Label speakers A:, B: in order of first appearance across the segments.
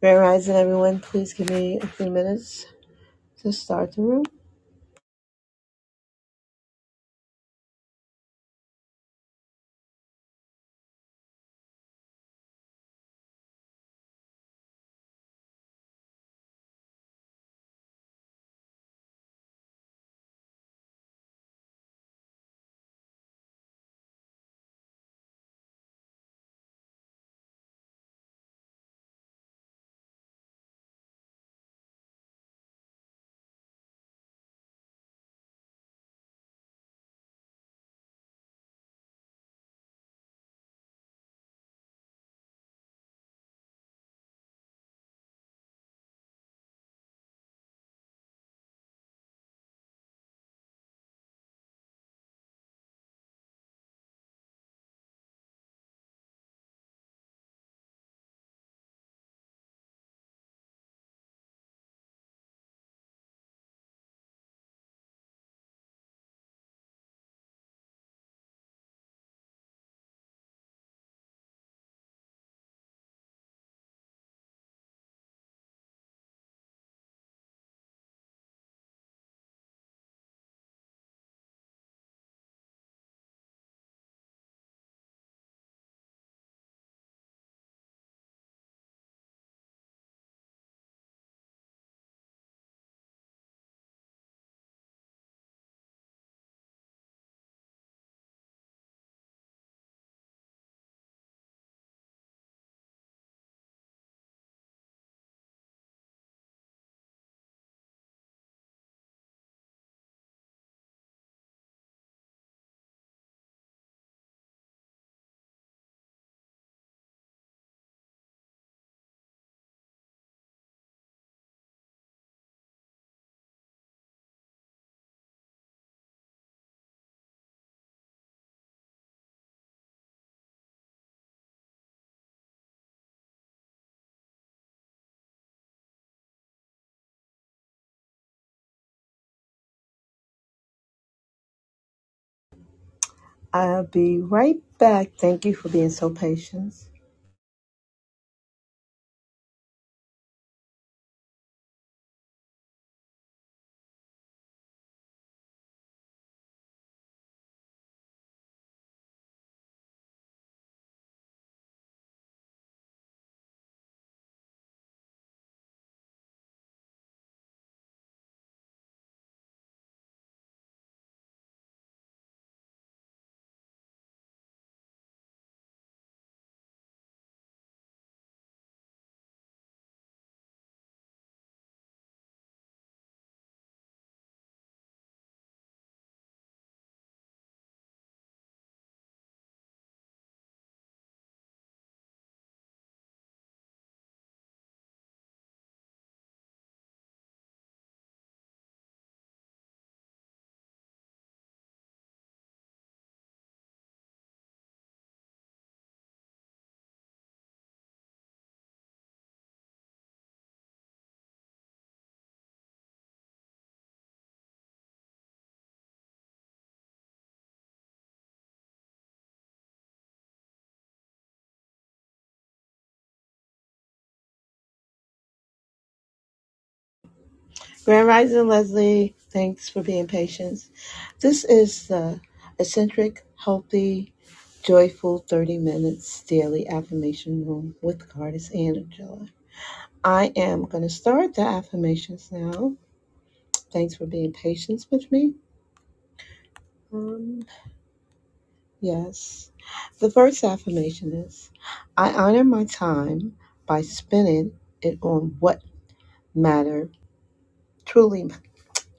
A: Grand Rising, everyone. Please give me a few minutes to start the room. I'll be right back. Thank you for being so patient. Grand Rising, Leslie. Thanks for being patient. This is the eccentric, healthy, joyful 30 minutes daily affirmation room with Goddess Angela. I am going to start the affirmations now. Thanks for being patient with me. Um, Yes. The first affirmation is I honor my time by spending it on what matter truly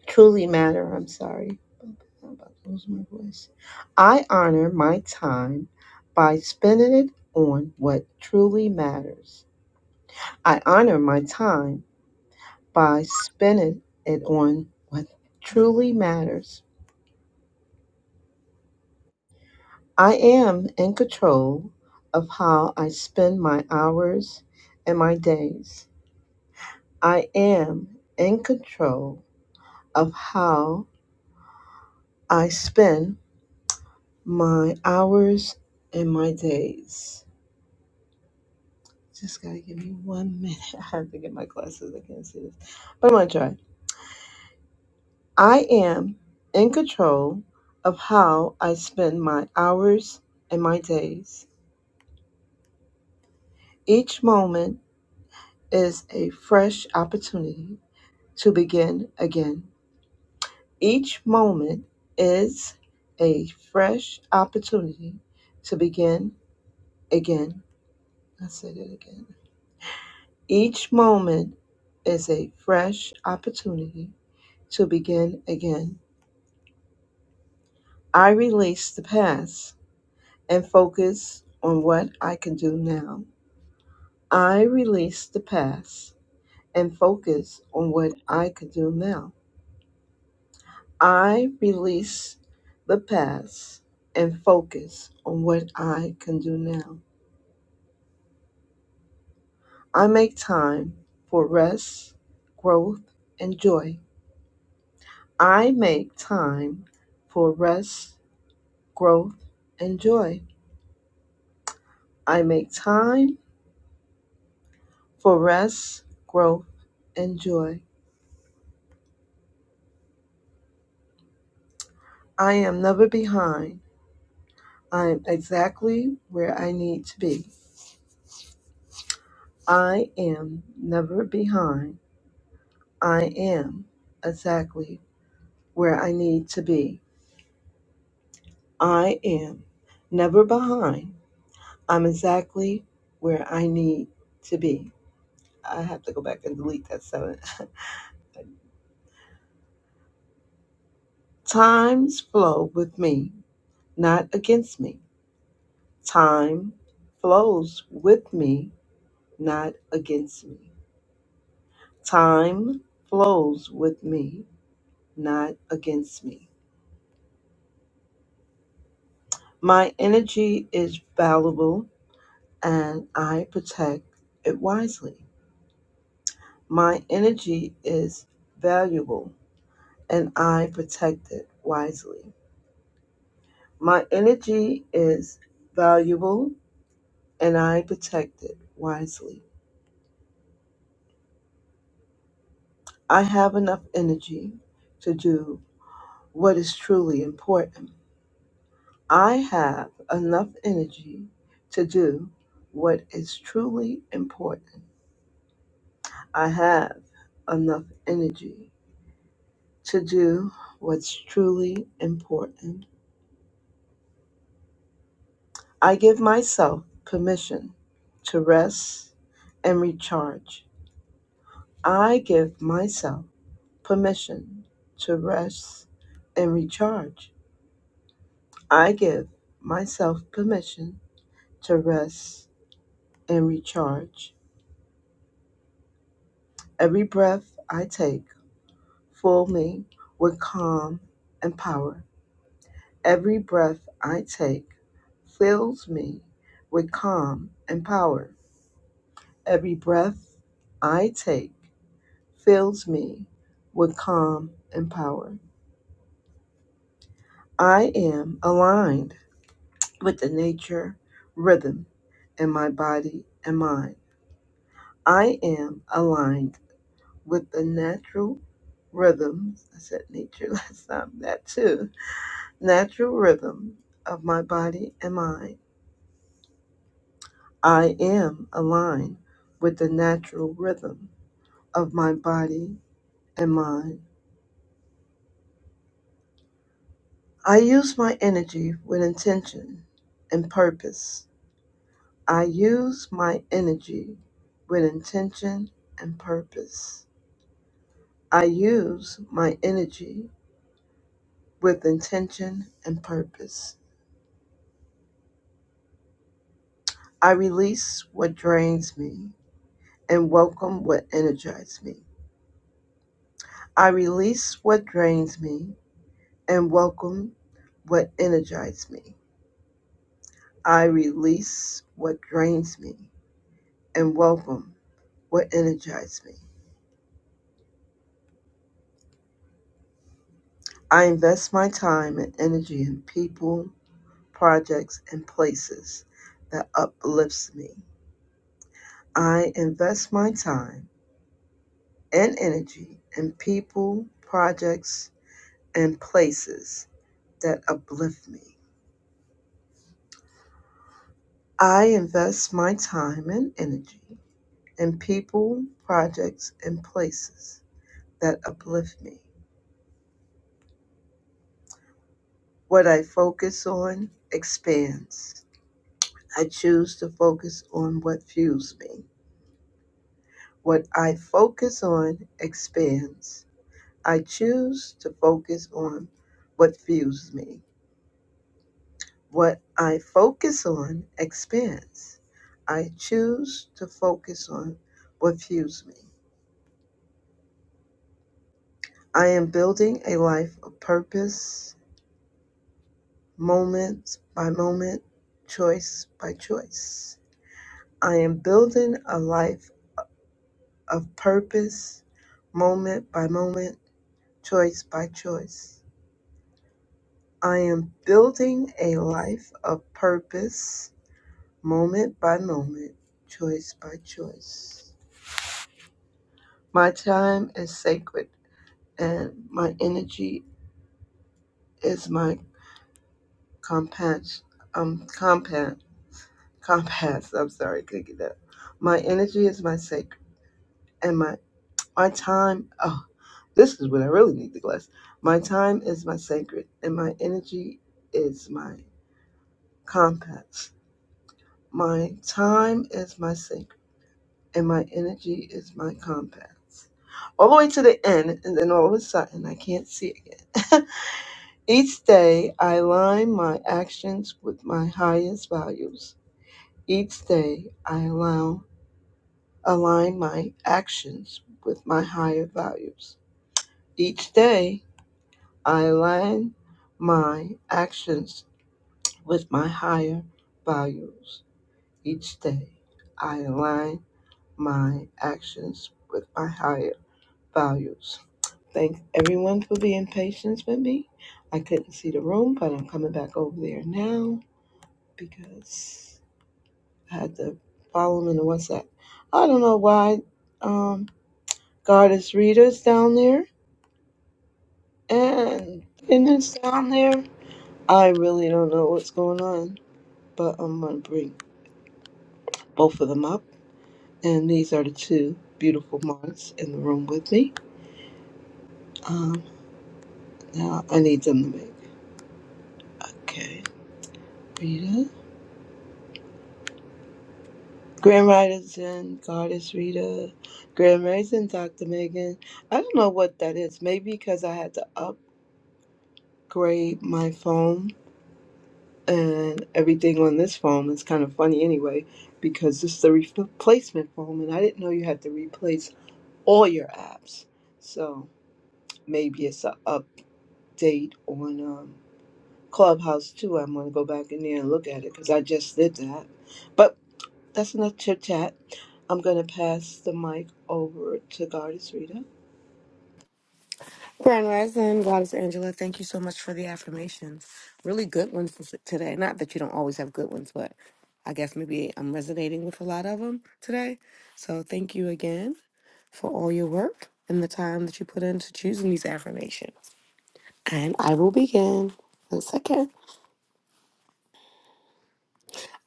A: truly matter. I'm sorry. I'm about to lose my voice. I honor my time by spending it on what truly matters. I honor my time by spending it on what truly matters. I am in control of how I spend my hours and my days. I am in control of how I spend my hours and my days. Just gotta give me one minute. I have to get my glasses. I can't see this. But I'm gonna try. I am in control of how I spend my hours and my days. Each moment is a fresh opportunity to begin again. Each moment is a fresh opportunity to begin again. I said it again. Each moment is a fresh opportunity to begin again. I release the past and focus on what I can do now. I release the past and focus on what I can do now. I release the past and focus on what I can do now. I make time for rest, growth, and joy. I make time for rest, growth, and joy. I make time for rest, growth, and joy. I am never behind. I am exactly where I need to be. I am never behind. I am exactly where I need to be. I am never behind. I'm exactly where I need to be. I have to go back and delete that seven. Times flow with me, not against me. Time flows with me, not against me. Time flows with me, not against me. My energy is valuable and I protect it wisely. My energy is valuable and I protect it wisely. My energy is valuable and I protect it wisely. I have enough energy to do what is truly important. I have enough energy to do what is truly important. I have enough energy to do what's truly important. I give myself permission to rest and recharge. I give myself permission to rest and recharge. I give myself permission to rest and recharge. Every breath I take, fill me with calm and power. Every breath I take fills me with calm and power. Every breath I take fills me with calm and power. I am aligned with the nature rhythm in my body and mind. I am aligned with the natural rhythms. I said nature last time, that too. Natural rhythm of my body and mind. I am aligned with the natural rhythm of my body and mind. I use my energy with intention and purpose. I use my energy with intention and purpose. I use my energy with intention and purpose. I release what drains me and welcome what energizes me. I release what drains me and welcome what energizes me. I release what drains me and welcome what energizes me. I invest my time and energy in people projects, and places that uplifts me. I invest my time and energy in people, projects, and places that uplift me. I invest my time and energy in people, projects, and places that uplift me. What I focus on expands. I choose to focus on what fuels me. What I focus on expands. I choose to focus on what fuels me. What I focus on expands. I choose to focus on what fuels me. I am building a life of purpose, moment by moment, choice by choice. I am building a life of purpose, moment by moment, choice by choice. I am building a life of purpose moment by moment, choice by choice. My time is sacred, and my energy is my compass. Um, compass. Compass. I'm sorry, could get that. My energy is my sacred, and my my time. Oh, this is what I really need to glass. My time is my sacred, and my energy is my compass. My time is my sacred and my energy is my compass. All the way to the end, and then all of a sudden, I can't see again. Each day, I align my actions with my highest values. Each day, I allow, align my actions with my higher values. Each day, I align my actions with my higher values. Each day, I align my actions with my higher values. Thanks everyone for being patient with me. I couldn't see the room, but I'm coming back over there now because I had to follow him in the WhatsApp. I don't know why um Goddess Rita's down there and Penance down there. I really don't know what's going on, but I'm gonna bring both of them up. And these are the two beautiful mods in the room with me. Um now I need them to make okay. Rita. Grand Risings and Goddess Rita, Grand Rising Dr. Megan. I don't know what that is. Maybe because I had to upgrade my phone and everything on this phone is kind of funny anyway because this is the replacement phone and I didn't know you had to replace all your apps. So maybe it's an update on um, Clubhouse too. I'm going to go back in there and look at it because I just did that. But That's enough chit chat. I'm going to pass the mic over to Goddess Rita.
B: Grand Rising, Goddess Angela, thank you so much for the affirmations. Really good ones this- today. Not that you don't always have good ones, but I guess maybe I'm resonating with a lot of them today. So thank you again for all your work and the time that you put into choosing these affirmations. And I will begin. One second.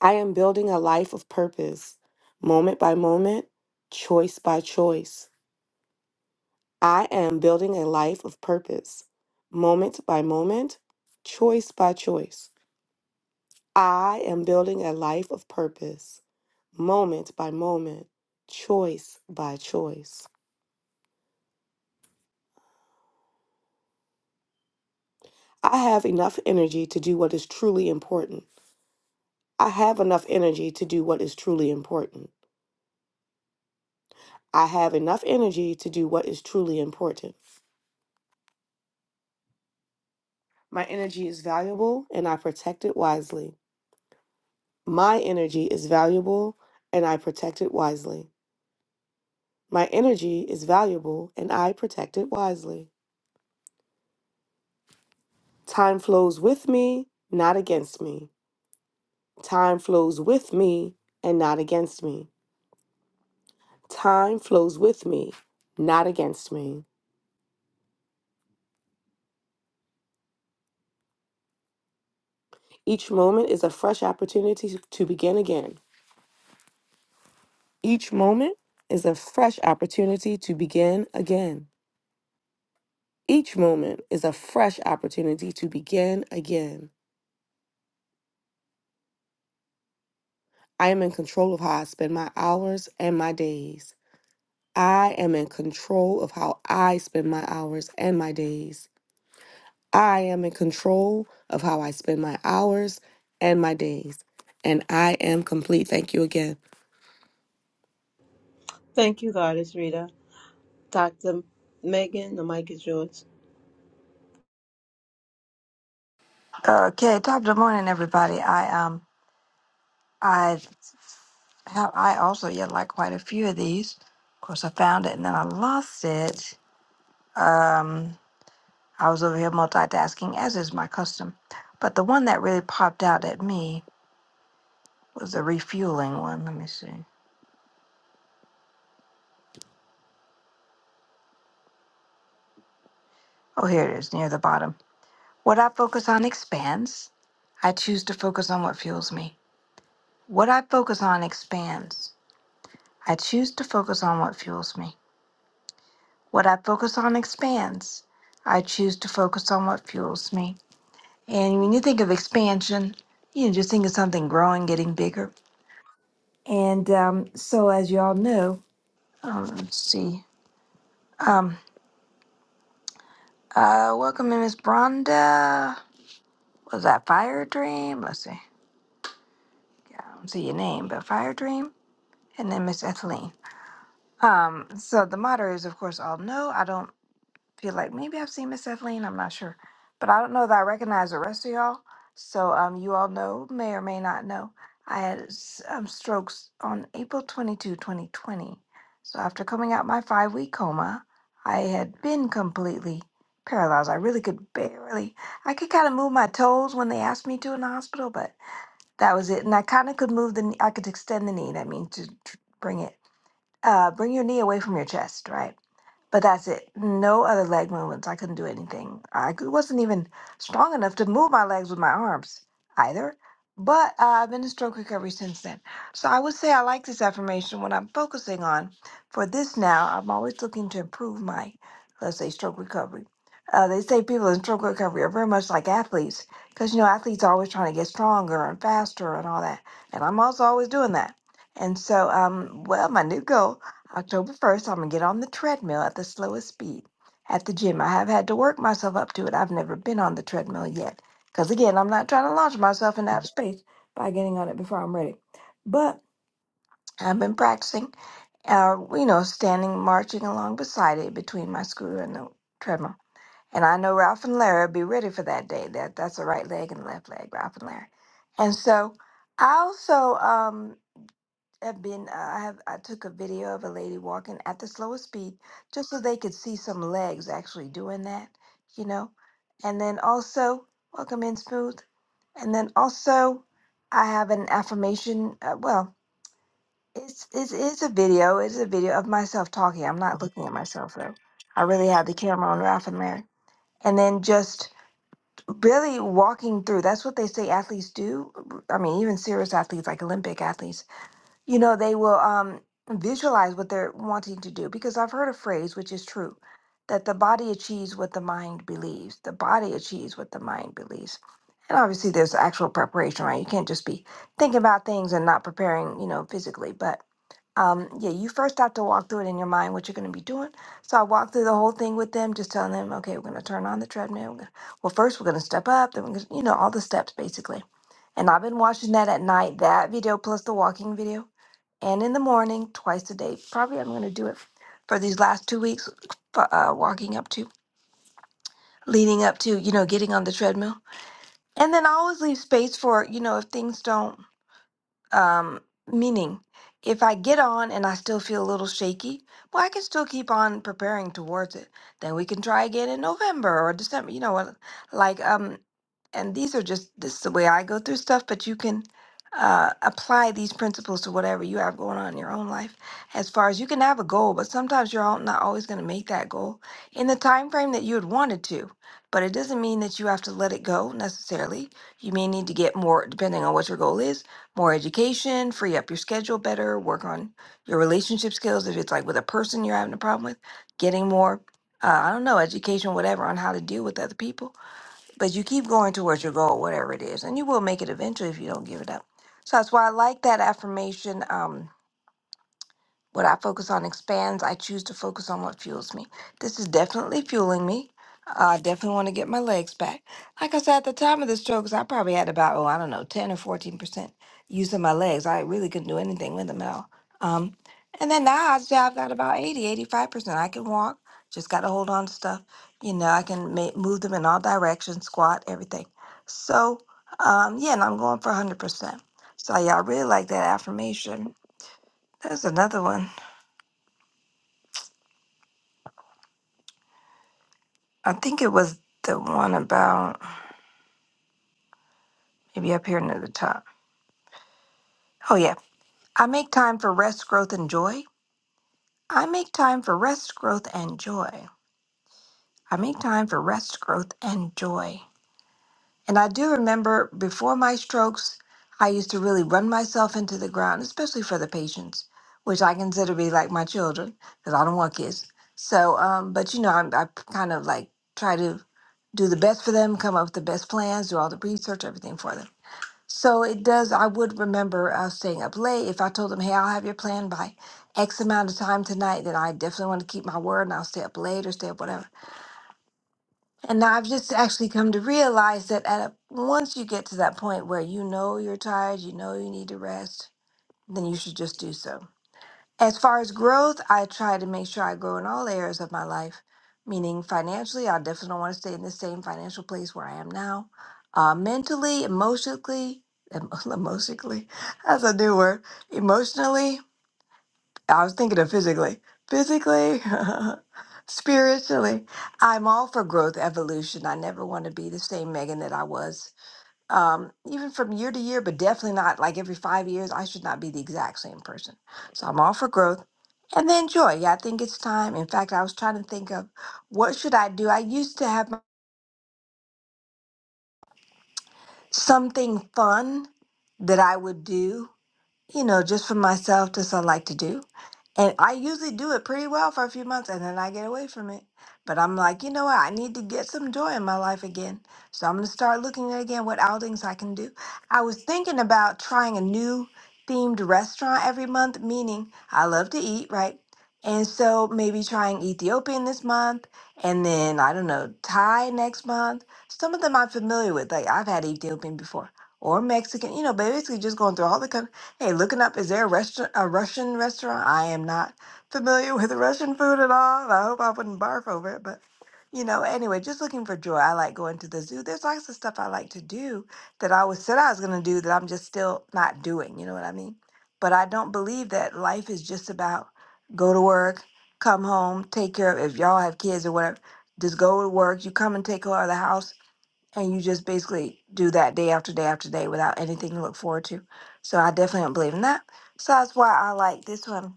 B: I am building a life of purpose, moment by moment, choice by choice. I am building a life of purpose, moment by moment, choice by choice. I am building a life of purpose, moment by moment, choice by choice. I have enough energy to do what is truly important. I have enough energy to do what is truly important. I have enough energy to do what is truly important. My energy is valuable and I protect it wisely. My energy is valuable and I protect it wisely. My energy is valuable and I protect it wisely. Time flows with me, not against me. Time flows with me and not against me. Time flows with me, not against me. Each moment is a fresh opportunity to begin again. Each moment is a fresh opportunity to begin again. Each moment is a fresh opportunity to begin again. I am in control of how I spend my hours and my days. I am in control of how I spend my hours and my days. I am in control of how I spend my hours and my days. And I am complete. Thank you again.
A: Thank you, Goddess Rita. Dr. Megan, the mic is yours.
C: Okay, top of the morning, everybody. I um, I have I also yet like quite a few of these. Of course, I found it and then I lost it. Um, I was over here multitasking, as is my custom. But the one that really popped out at me was the refueling one. Let me see. Oh, here it is, near the bottom. What I focus on expands. I choose to focus on what fuels me. What I focus on expands. I choose to focus on what fuels me. What I focus on expands. I choose to focus on what fuels me. And when you think of expansion, you know, just think of something growing, getting bigger. And um, so, as you all know, um, let's see. Um, uh, welcome, in, Miss Bronda. Was that Fire Dream? Let's see. Yeah, I don't see your name, but Fire Dream. And then Miss Etheline. Um, so the moderators, of course, all know I don't. feel like maybe I've seen Miss Eveline. I'm not sure, but I don't know that I recognize the rest of y'all. So um, you all know, may or may not know, I had s- um, strokes on April 22, 2020. So after coming out my five week coma, I had been completely paralyzed. I really could barely, I could kind of move my toes when they asked me to in the hospital, but that was it. And I kind of could move the, kn- I could extend the knee. That means to tr- bring it uh, bring your knee away from your chest, right? But that's it. No other leg movements. I couldn't do anything. I cou- wasn't even strong enough to move my legs with my arms either. But uh, I've been in stroke recovery since then. So I would say I like this affirmation when I'm focusing on. For this now, I'm always looking to improve my, let's say, stroke recovery. Uh, they say people in stroke recovery are very much like athletes because, you know, athletes are always trying to get stronger and faster and all that. And I'm also always doing that. And so, um, well, my new goal, October 1st, I'm going to get on the treadmill at the slowest speed at the gym. I have had to work myself up to it. I've never been on the treadmill yet. Because again, I'm not trying to launch myself into outer space by getting on it before I'm ready. But I've been practicing, uh, you know, standing, marching along beside it between my scooter and the treadmill. And I know Ralph and Larry will be ready for that day. That That's the right leg and left leg, Ralph and Larry. And so I also, um, have been uh, I have I took a video of a lady walking at the slowest speed just so they could see some legs actually doing that, you know. And then also welcome in smooth. And then also I have an affirmation uh, well, it's it's it's a video, it's a video of myself talking. I'm not looking at myself though. I really have the camera on Ralph and Larry. And then just really walking through. That's what they say athletes do. I mean, even serious athletes like Olympic athletes you know they will um visualize what they're wanting to do because i've heard a phrase which is true that the body achieves what the mind believes the body achieves what the mind believes and obviously there's actual preparation right you can't just be thinking about things and not preparing you know physically but um, yeah you first have to walk through it in your mind what you're going to be doing so i walked through the whole thing with them just telling them okay we're going to turn on the treadmill we're gonna, well first we're going to step up then we're going to you know all the steps basically and i've been watching that at night that video plus the walking video and in the morning, twice a day. Probably I'm going to do it for these last two weeks, f- uh, walking up to, leading up to, you know, getting on the treadmill. And then I always leave space for, you know, if things don't, um, meaning if I get on and I still feel a little shaky, well, I can still keep on preparing towards it. Then we can try again in November or December, you know, what, like um, and these are just this is the way I go through stuff, but you can uh, apply these principles to whatever you have going on in your own life. As far as you can have a goal, but sometimes you're all, not always going to make that goal in the time frame that you had wanted to. But it doesn't mean that you have to let it go necessarily. You may need to get more, depending on what your goal is, more education, free up your schedule better, work on your relationship skills. If it's like with a person you're having a problem with, getting more, uh, I don't know, education, whatever, on how to deal with other people but you keep going towards your goal, whatever it is, and you will make it eventually if you don't give it up. So that's why I like that affirmation. Um, what I focus on expands. I choose to focus on what fuels me. This is definitely fueling me. I definitely want to get my legs back. Like I said, at the time of the strokes, I probably had about, oh, I don't know, 10 or 14% use of my legs. I really couldn't do anything with them at all. Um, and then now I'd say I've got about eighty, eighty-five percent I can walk, just got to hold on to stuff. You know, I can ma- move them in all directions, squat, everything. So, um, yeah, and I'm going for 100%. So, y'all really like that affirmation. There's another one. I think it was the one about maybe up here near the top. Oh, yeah. I make time for rest, growth, and joy. I make time for rest, growth, and joy. I make time for rest, growth, and joy. And I do remember before my strokes, I used to really run myself into the ground, especially for the patients, which I consider to be like my children because I don't want kids. So, um, but you know, I'm, I kind of like try to do the best for them, come up with the best plans, do all the research, everything for them. So it does, I would remember uh, staying up late. If I told them, hey, I'll have your plan by X amount of time tonight, then I definitely want to keep my word and I'll stay up late or stay up whatever. And now I've just actually come to realize that at a, once you get to that point where you know you're tired, you know you need to rest, then you should just do so. As far as growth, I try to make sure I grow in all areas of my life, meaning financially, I definitely don't want to stay in the same financial place where I am now. Uh, mentally, emotionally, em- emotionally, that's a new word. Emotionally, I was thinking of physically. Physically, spiritually, I'm all for growth, evolution. I never want to be the same Megan that I was um, even from year to year, but definitely not like every five years. I should not be the exact same person. So I'm all for growth and then joy. Yeah, I think it's time. In fact, I was trying to think of what should I do. I used to have my- something fun that I would do you know, just for myself, just I like to do. And I usually do it pretty well for a few months and then I get away from it. But I'm like, you know what? I need to get some joy in my life again. So I'm going to start looking at again what outings I can do. I was thinking about trying a new themed restaurant every month, meaning I love to eat, right? And so maybe trying Ethiopian this month and then, I don't know, Thai next month. Some of them I'm familiar with. Like I've had Ethiopian before or Mexican, you know, basically just going through all the countries Hey, looking up, is there a restaurant, a Russian restaurant? I am not familiar with Russian food at all. I hope I wouldn't barf over it, but you know, anyway, just looking for joy. I like going to the zoo. There's lots of stuff I like to do that I always said I was going to do that I'm just still not doing. You know what I mean? But I don't believe that life is just about go to work, come home, take care of if y'all have kids or whatever. Just go to work. You come and take care of the house and you just basically do that day after day after day without anything to look forward to. So I definitely don't believe in that. So that's why I like this one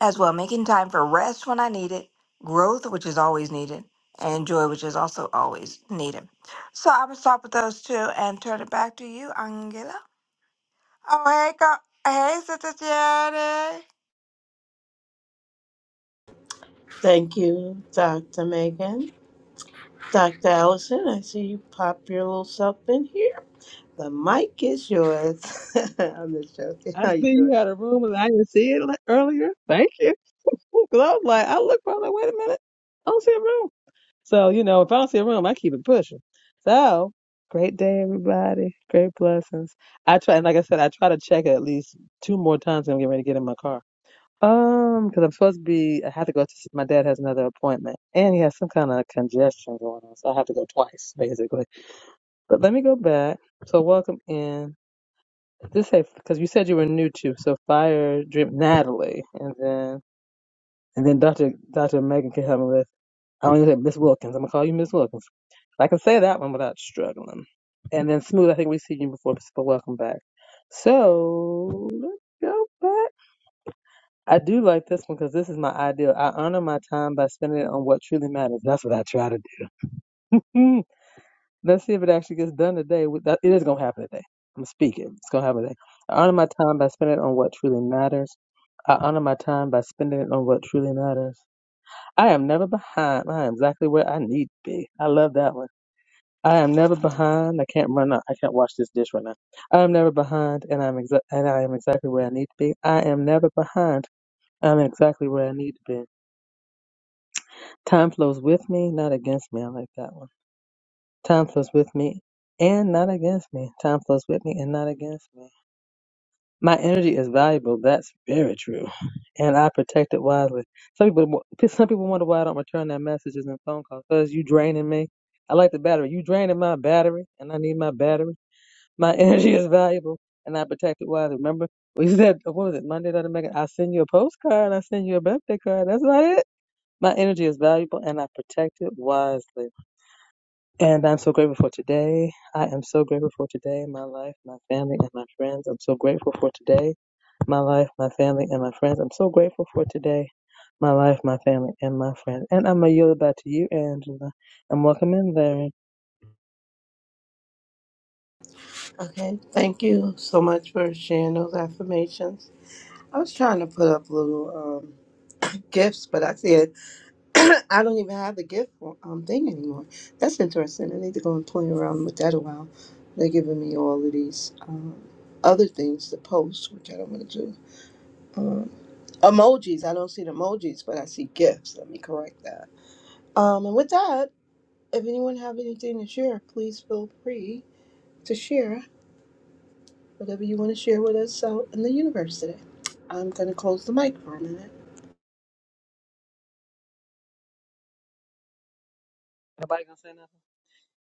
C: as well, making time for rest when I need it, growth which is always needed, and joy which is also always needed. So I'm gonna stop with those two and turn it back to you, Angela. Oh hey, co- hey, Sister Jenny.
A: Thank you, Dr. Megan. Dr. Allison, I see you pop your little self in here. The mic is yours. I'm just joking.
D: I
A: How
D: see
A: you doing?
D: you had a room and I didn't see it le- earlier. Thank you. Because I was like, I looked for it, like, wait a minute. I don't see a room. So, you know, if I don't see a room, I keep it pushing. So, great day, everybody. Great blessings. I try, and like I said, I try to check it at least two more times when I'm getting ready to get in my car. Um, because I'm supposed to be, I have to go to, my dad has another appointment and he has some kind of congestion going on. So I have to go twice, basically. But let me go back. So, welcome in. Just say because you said you were new to so fire drip Natalie and then and then Dr. Dr. Megan can help me with I only say Miss Wilkins. I'm gonna call you Miss Wilkins. I can say that one without struggling. And then smooth. I think we've seen you before, but welcome back. So let's go back. I do like this one because this is my ideal. I honor my time by spending it on what truly matters. That's what I try to do. Let's see if it actually gets done today. With that, it is gonna happen today. I'm speaking. It's gonna happen today. I honor my time by spending it on what truly matters. I honor my time by spending it on what truly matters. I am never behind. I am exactly where I need to be. I love that one. I am never behind. I can't run. out. I can't wash this dish right now. I am never behind, and I'm exa- and I am exactly where I need to be. I am never behind. I'm exactly where I need to be. Time flows with me, not against me. I like that one. Time flows with me and not against me. Time flows with me and not against me. My energy is valuable. That's very true, and I protect it wisely. Some people, some people wonder why I don't return their messages and phone calls. Cause you draining me. I like the battery. You draining my battery, and I need my battery. My energy is valuable, and I protect it wisely. Remember, we said what was it Monday that Megan. I send you a postcard. I send you a birthday card. That's not it. My energy is valuable, and I protect it wisely. And I'm so grateful for today. I am so grateful for today, my life, my family, and my friends. I'm so grateful for today, my life, my family, and my friends. I'm so grateful for today, my life, my family, and my friends. And I'm going to yield back to you, Angela. And welcome in, Larry.
A: Okay. Thank you so much for sharing those affirmations. I was trying to put up little um, gifts, but I see I don't even have the gift um thing anymore. That's interesting. I need to go and play around with that a while. They're giving me all of these um, other things to post, which I don't want to do. Um, emojis. I don't see the emojis, but I see gifts. Let me correct that. Um, and with that, if anyone have anything to share, please feel free to share whatever you want to share with us out in the universe today. I'm gonna close the mic for a minute.
D: Nobody going to say nothing?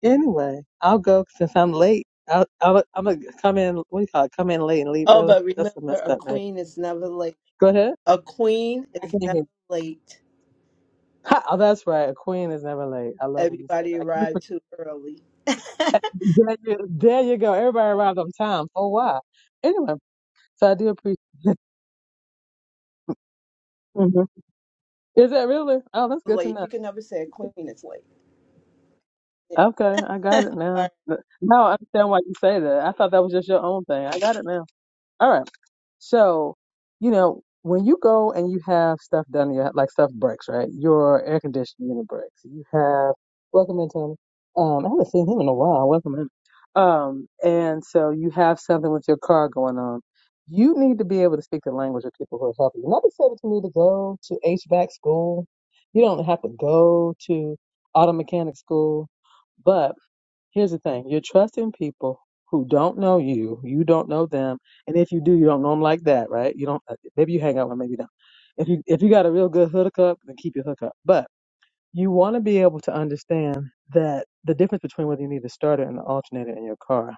D: Anyway, I'll go since I'm late. I'll, I'll, I'm going to come in, what do you call it? Come in late and leave
A: Oh,
D: early.
A: but remember,
D: That's a messed
A: a
D: up, man.
A: queen is never late.
D: Go ahead.
A: A queen
D: I
A: is
D: can't hear.
A: never
D: you.
A: late.
D: Ha, oh, that's right. A queen is never late. I love when you say
A: Everybody
D: that. I keep
A: arrived too early.
D: There you, there you go. Everybody arrived on time. Oh wow. Anyway, so I do appreciate. Mhm. Is that really? Oh, that's good to
A: Late.
D: know.
A: You can never say a queen is late. Yeah.
D: Okay, I got it
A: All
D: now.
A: right.
D: But Now I understand why you say that. I thought that was just your own thing. I got it now. All right. So, you know, when you go and you have stuff done, in your like stuff breaks, right? Your air conditioning unit breaks. You have welcome in, Tony. Um, I haven't seen him in a while. Welcome in. Um, and so you have something with your car going on. You need to be able to speak the language of people who are helping you. Not to say that you need to go to HVAC school. You don't have to go to auto mechanic school, but Here's the thing you're trusting people who don't know you, you don't know them, and if you do, you don't know them like that, right? You don't, uh, maybe you hang out with, them, maybe not. If you, if you got a real good hookup, then keep your hookup. But you want to be able to understand that the difference between whether you need the starter and the alternator in your car,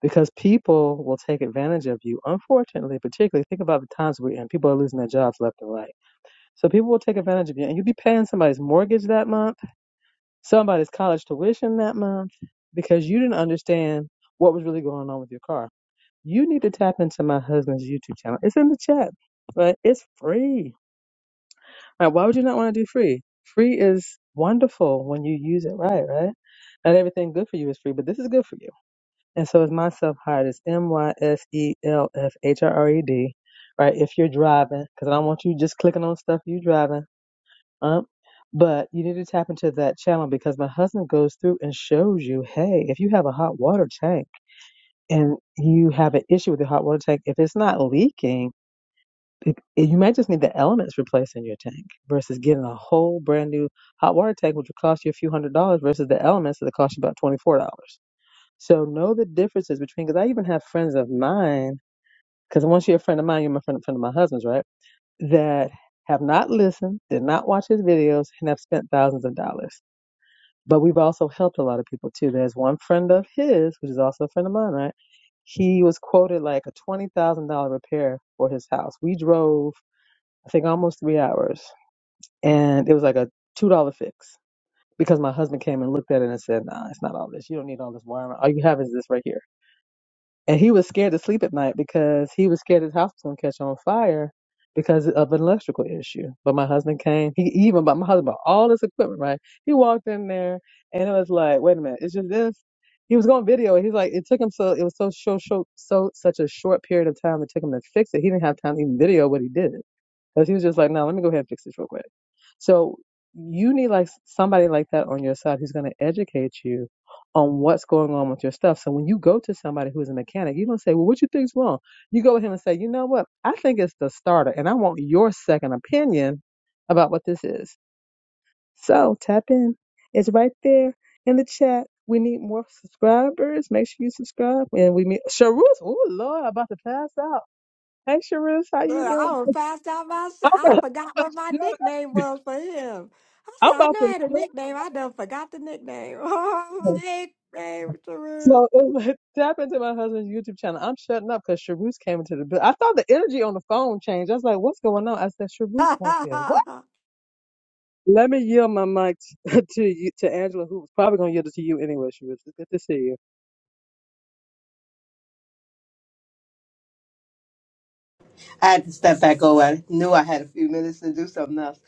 D: because people will take advantage of you. Unfortunately, particularly think about the times we're in, people are losing their jobs left and right. So people will take advantage of you, and you'll be paying somebody's mortgage that month somebody's college tuition that month because you didn't understand what was really going on with your car. You need to tap into my husband's YouTube channel. It's in the chat, but it's free. Like, why would you not want to do free? Free is wonderful when you use it right, right? Not everything good for you is free, but this is good for you. And so is my self hired. It's M Y S E L F H R R E D, right? If you're driving, because I don't want you just clicking on stuff you driving up. But you need to tap into that channel because my husband goes through and shows you, hey, if you have a hot water tank and you have an issue with your hot water tank, if it's not leaking, it, it- you might just need the elements replaced in your tank versus getting a whole brand new hot water tank, which will cost you a few hundred dollars versus the elements that cost you about $24. So know the differences between, because I even have friends of mine, because once you're a friend of mine, you're my friend, friend of my husband's, right? That have not listened, did not watch his videos, and have spent thousands of dollars. But we've also helped a lot of people too. There's one friend of his, which is also a friend of mine, right? He was quoted like a $20,000 repair for his house. We drove, I think, almost three hours and it was like a $2 fix because my husband came and looked at it and said, nah, it's not all this. You don't need all this wiring. All you have is this right here. And he was scared to sleep at night because he was scared his house was going to catch on fire because of an electrical issue. But my husband came. He he even bought my husband bought all this equipment, right? He walked in there and it was like, wait a minute, it's just this. He was going to video. it. He's like, it took him so, it was so, so, so, so, such a short period of time. It took him to fix it. He didn't have time to even video what he did. Because he was just like, no, let me go ahead and fix this real quick. So you need like somebody like that on your side who's going to educate you on what's going on with your stuff. So when you go to somebody who's a mechanic, you don't say, well, what you think's wrong? You go with him and say, you know what? I think it's the starter and I want your second opinion about what this is. So tap in. It's right there in the chat. We need more subscribers. Make sure you subscribe. And we meet Sharus. Oh, Lord, I'm about to pass out. Hey, Sharus, how
C: Look,
D: you
C: I
D: doing?
C: was passed out
D: I'm
C: myself. I
D: about
C: forgot
D: to
C: what my
D: do
C: nickname was for him. I
D: I'm
C: said, I
D: about
C: know
D: to
C: I had a
D: shut
C: nickname. I done forgot the nickname. Oh,
D: up.
C: I hate name, Tarun.
D: So it, tap into my husband's YouTube channel. I'm shutting up because Shaboose came into the bu- I thought the energy on the phone changed. I was like, what's going on? I said, Shaboose walked in. What? Let me yield my mic t- to you, to Angela, who was probably going to yield it to you anyway, Shaboose. It's good to see you.
A: I had to step back over. I knew I had a few minutes to do something else.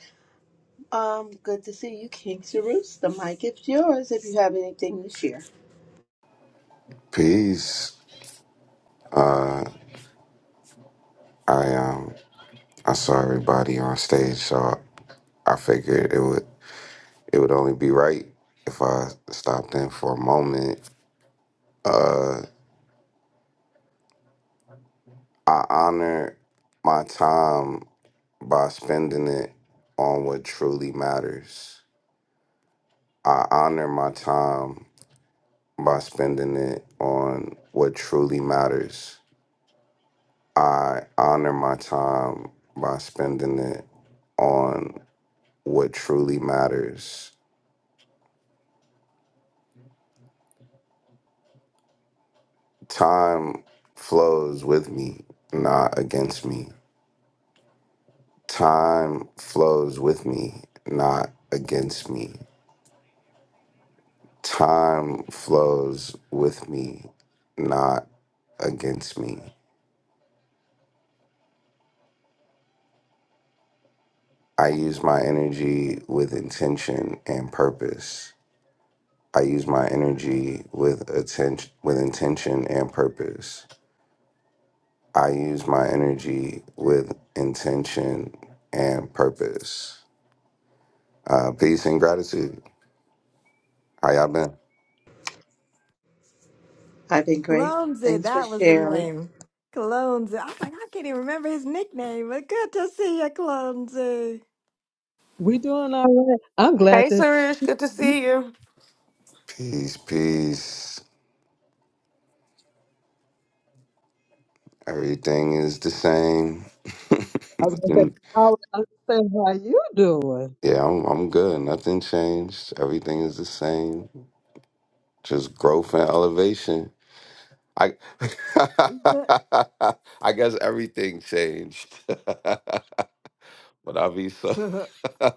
A: Um, good to see you, King Cyrus. The mic is yours if you have anything to share.
E: Peace. I um I saw everybody on stage, so I figured it would it would only be right if I stopped in for a moment. I honor my time by spending it on what truly matters. I honor my time by spending it on what truly matters. I honor my time by spending it on what truly matters. Time flows with me, not against me. Time flows with me, not against me. Time flows with me, not against me. I use my energy with intention and purpose. I use my energy with attention with intention and purpose. I use my energy with intention and purpose. Uh, peace and gratitude. How y'all been?
A: I've been great.
C: Clumsy,
A: Thanks for
C: that was the
A: sharing.
C: name. Clumsy. I was like, I can't even remember his nickname, but good to see you, Clumsy.
D: We doing all right. I'm
B: Hey,
D: glad to see
B: Suresh, good to
D: you.
B: see you.
E: Peace, peace. Everything is the same.
D: I was going to say,
E: Nothing.
D: how, I was gonna say, how you doing?
E: Yeah, I'm, I'm good. Nothing changed. Everything is the same. Just growth and elevation. I,
C: Good.
E: I guess everything changed. but i be so,
C: to-
E: i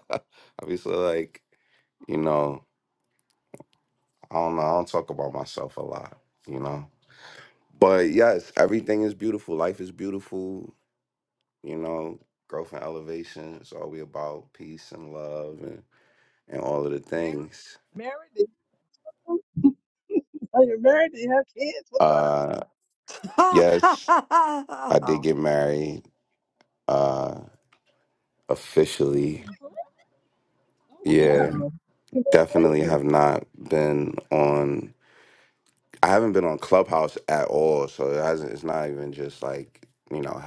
E: be so like, you know, I don't know. I don't talk about myself a lot, you know. But yes, everything is beautiful. Life is beautiful. you know, growth and elevation. It's always about peace and love and, and all of the things.
D: Married? Do you- Are you married? Do you have kids? What's going on?
E: Uh, yes, I did get married uh, officially.
D: Oh,
E: Yeah,
D: wow.
E: definitely
D: Congratulations.
E: have not been on. I haven't been on Clubhouse at all, so it hasn't. It's not even just like you know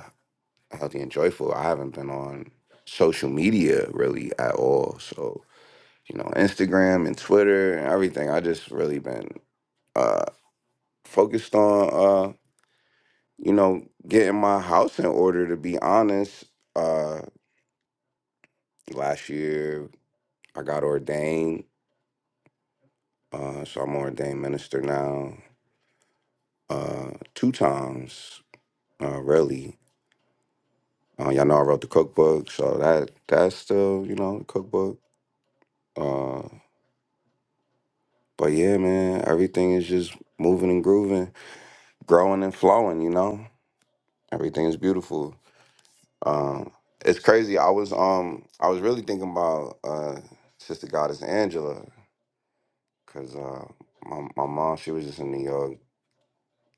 E: healthy and joyful. I haven't been on social media really at all. So you know, Instagram and Twitter and everything. I just really been. uh, focused on uh you know getting my house in order to be honest uh last year i got ordained uh so i'm an ordained minister now uh two times uh really uh, y'all know i wrote the cookbook so that that's still you know the cookbook uh but yeah man everything is just moving and grooving growing and flowing you know everything is beautiful Um, it's crazy. I was um I was really thinking about uh Sister Goddess Angela because uh my my mom she was just in New York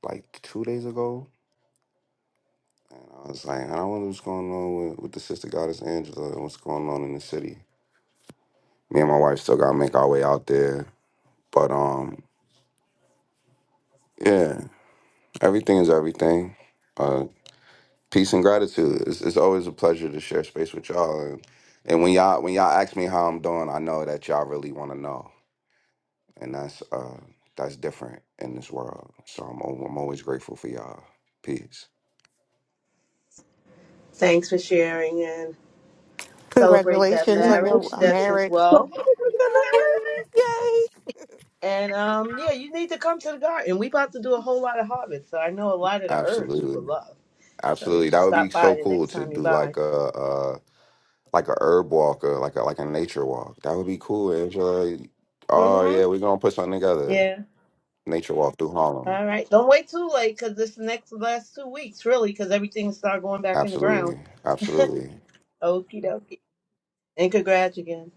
E: like two days ago, and I was like, I wonder what's going on with, with the Sister Goddess Angela and what's going on in the city. Me and my wife still gotta make our way out there, but um yeah, everything is everything. Uh, peace and gratitude. It's, it's always a pleasure to share space with y'all, and, and when y'all when y'all ask me how I'm doing, I know that y'all really want to know. and that's uh that's different in this world. So I'm al- I'm always grateful for y'all. Peace.
A: Thanks for sharing and celebrate that
B: Congratulations on
D: Okay,
B: your
A: marriage.
B: uh,
D: So
A: That's as
B: marriage.
D: so what are
A: well.
D: we going
B: Yay!
A: And um, yeah, you need to come to the garden. We about to do a whole lot of harvest, so I know a lot of the herbs you would
E: Absolutely,
A: love. So you
E: absolutely.
A: should
E: That would be
A: stop
E: so
A: by the
E: cool
A: next
E: to
A: time you
E: do
A: buy.
E: like a uh like a herb walk or like a like a nature walk. That would be cool, Angela. Oh
A: Mm-hmm.
E: yeah, we're gonna put something together.
A: Yeah.
E: Nature walk through Harlem.
A: All right. Don't wait too late because this next last two weeks, really, because everything start going back in the ground.
E: Absolutely, absolutely,
A: Okie dokie. And congrats again.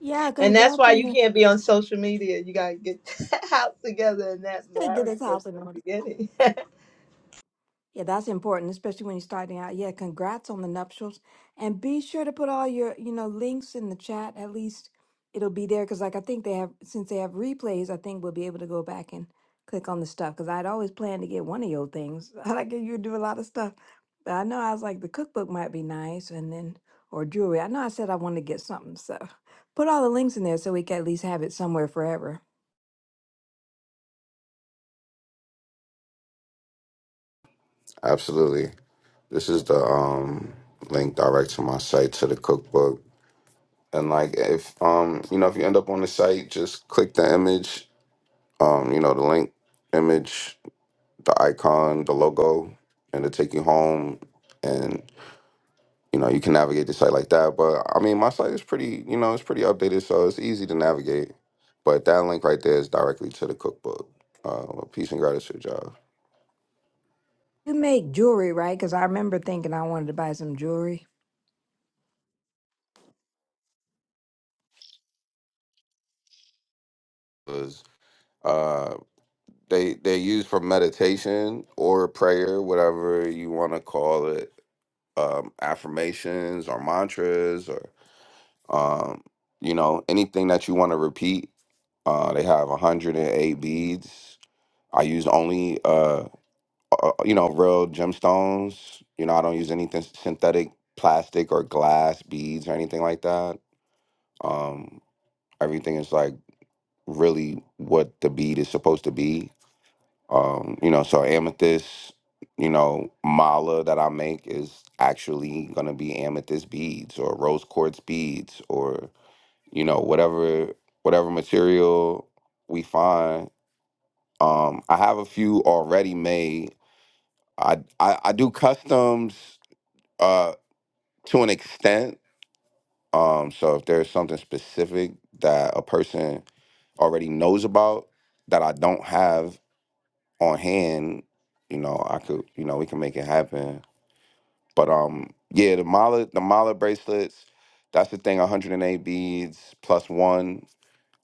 C: yeah,
A: And that's
C: congrats
A: why
C: on
A: you
C: the
A: can't be on social media. You gotta get that house together and that
C: get
A: marriage
C: his
A: that's
C: house in
A: the
C: order.
A: beginning.
C: Yeah, that's important, especially when you're starting out. Yeah, congrats on the nuptials. And be sure to put all your, you know, links in the chat. At least it'll be there because like I think they have since they have replays, I think we'll be able to go back and click on the stuff because I'd always planned to get one of your things. I like you do a lot of stuff. But I know I was like the cookbook might be nice and then or jewelry. I know I said I wanted to get something, so put all the links in there so we can at least have it somewhere forever.
E: absolutely. This is the um link direct to my site to the cookbook. And like if um you know if you end up on the site, just click the image Um, you know, the link image, the icon, the logo, and to take you home. And, you know, you can navigate the site like that. But I mean, my site is pretty, you know, it's pretty updated, so it's easy to navigate. But that link right there is directly to the cookbook. Uh, peace and gratitude, y'all.
C: You make jewelry, right? Because I remember thinking I wanted to buy some jewelry.
E: Was uh, they they use for meditation or prayer, whatever you want to call it, um, affirmations or mantras or. Um, you know, anything that you want to repeat, uh, they have 108 beads. I use only, uh, uh, uh, you know, real gemstones. You know, I don't use anything synthetic, plastic, or glass beads or anything like that. Um, everything is like really what the bead is supposed to be. Um, you know, so amethyst, you know, mala that I make is actually gonna be amethyst beads or rose quartz beads or you know whatever whatever material we find um i have a few already made i i, I do customs uh to an extent um so if there's something specific that a person already knows about that i don't have on hand you know i could you know we can make it happen but um yeah the mala the mala bracelets that's the thing 108 beads plus one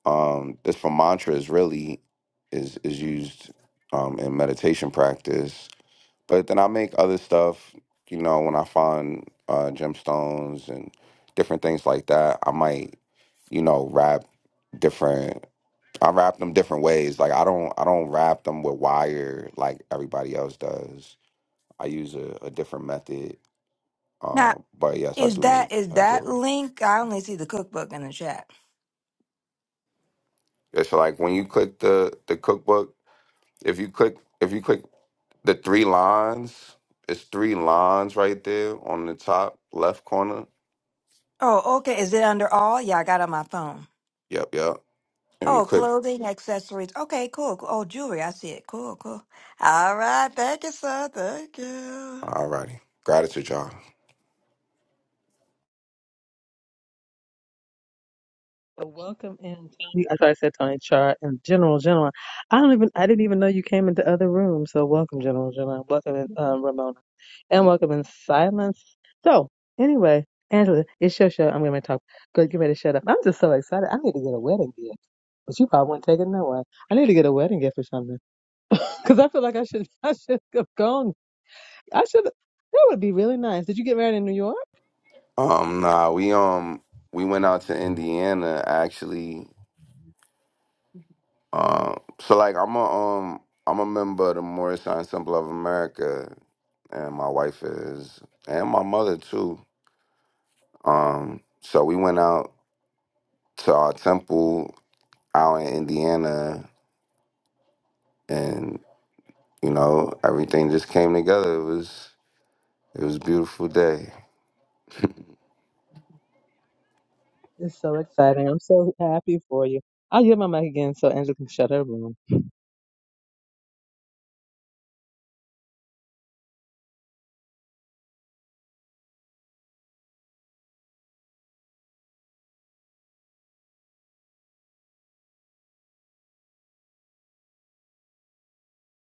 E: Um, this for mantra is really is is used um, in meditation practice. But then I make other stuff, you know, when I find uh, gemstones and different things like that. I might, you know, wrap different. I wrap them different ways. Like I don't I don't wrap them with wire like everybody else does. I use a, a different method. Um, but yes, I
C: Is
E: do make
C: that is
E: uh,
C: that
E: jewelry.
C: link? I only see the cookbook in the chat.
E: It's like when you click the the cookbook. If you click if you click The three lines, it's three lines right there on the top left corner.
C: Oh, okay. Is it under all? Yeah, I got it on my phone.
E: Yep, yep. And you
C: Oh,
E: click.
C: clothing, accessories. Okay, cool. cool. Oh, jewelry. I see it. Cool, cool. All right. Thank you, sir. Thank you.
E: Alrighty, gratitude, y'all.
D: So welcome in Tony. I thought I said Tony Char and General General. I don't even I didn't even know you came into other rooms. So welcome General General. Welcome in um, Ramona. And welcome in silence. So anyway, Angela, it's your show. I'm gonna talk. Good, get ready to shut up. I'm just so excited. I need to get a wedding gift. But you probably will not take it no way. I need to get a wedding gift or something. Because I feel like I should I should have gone. I should that would be really nice. Did you get married in New York?
E: Um, nah, we um we went out to Indiana actually. Um, so like I'm a um I'm a member of the Morris Science Temple of America, and my wife is, and my mother too. Um, so we went out to our temple out in Indiana, and you know everything just came together. It was It was a beautiful day.
D: It's so exciting. I'm so happy for you. I'll give my mic again so Angela can shut her room.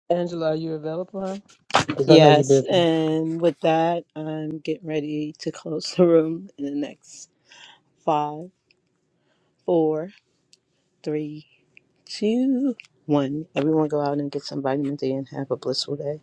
D: Angela, are you available? Because I know you're
A: Yes,
D: busy.
A: and with that, I'm getting ready to close the room in the next five, four, three, two, one. Everyone go out and get some vitamin D and have a blissful day.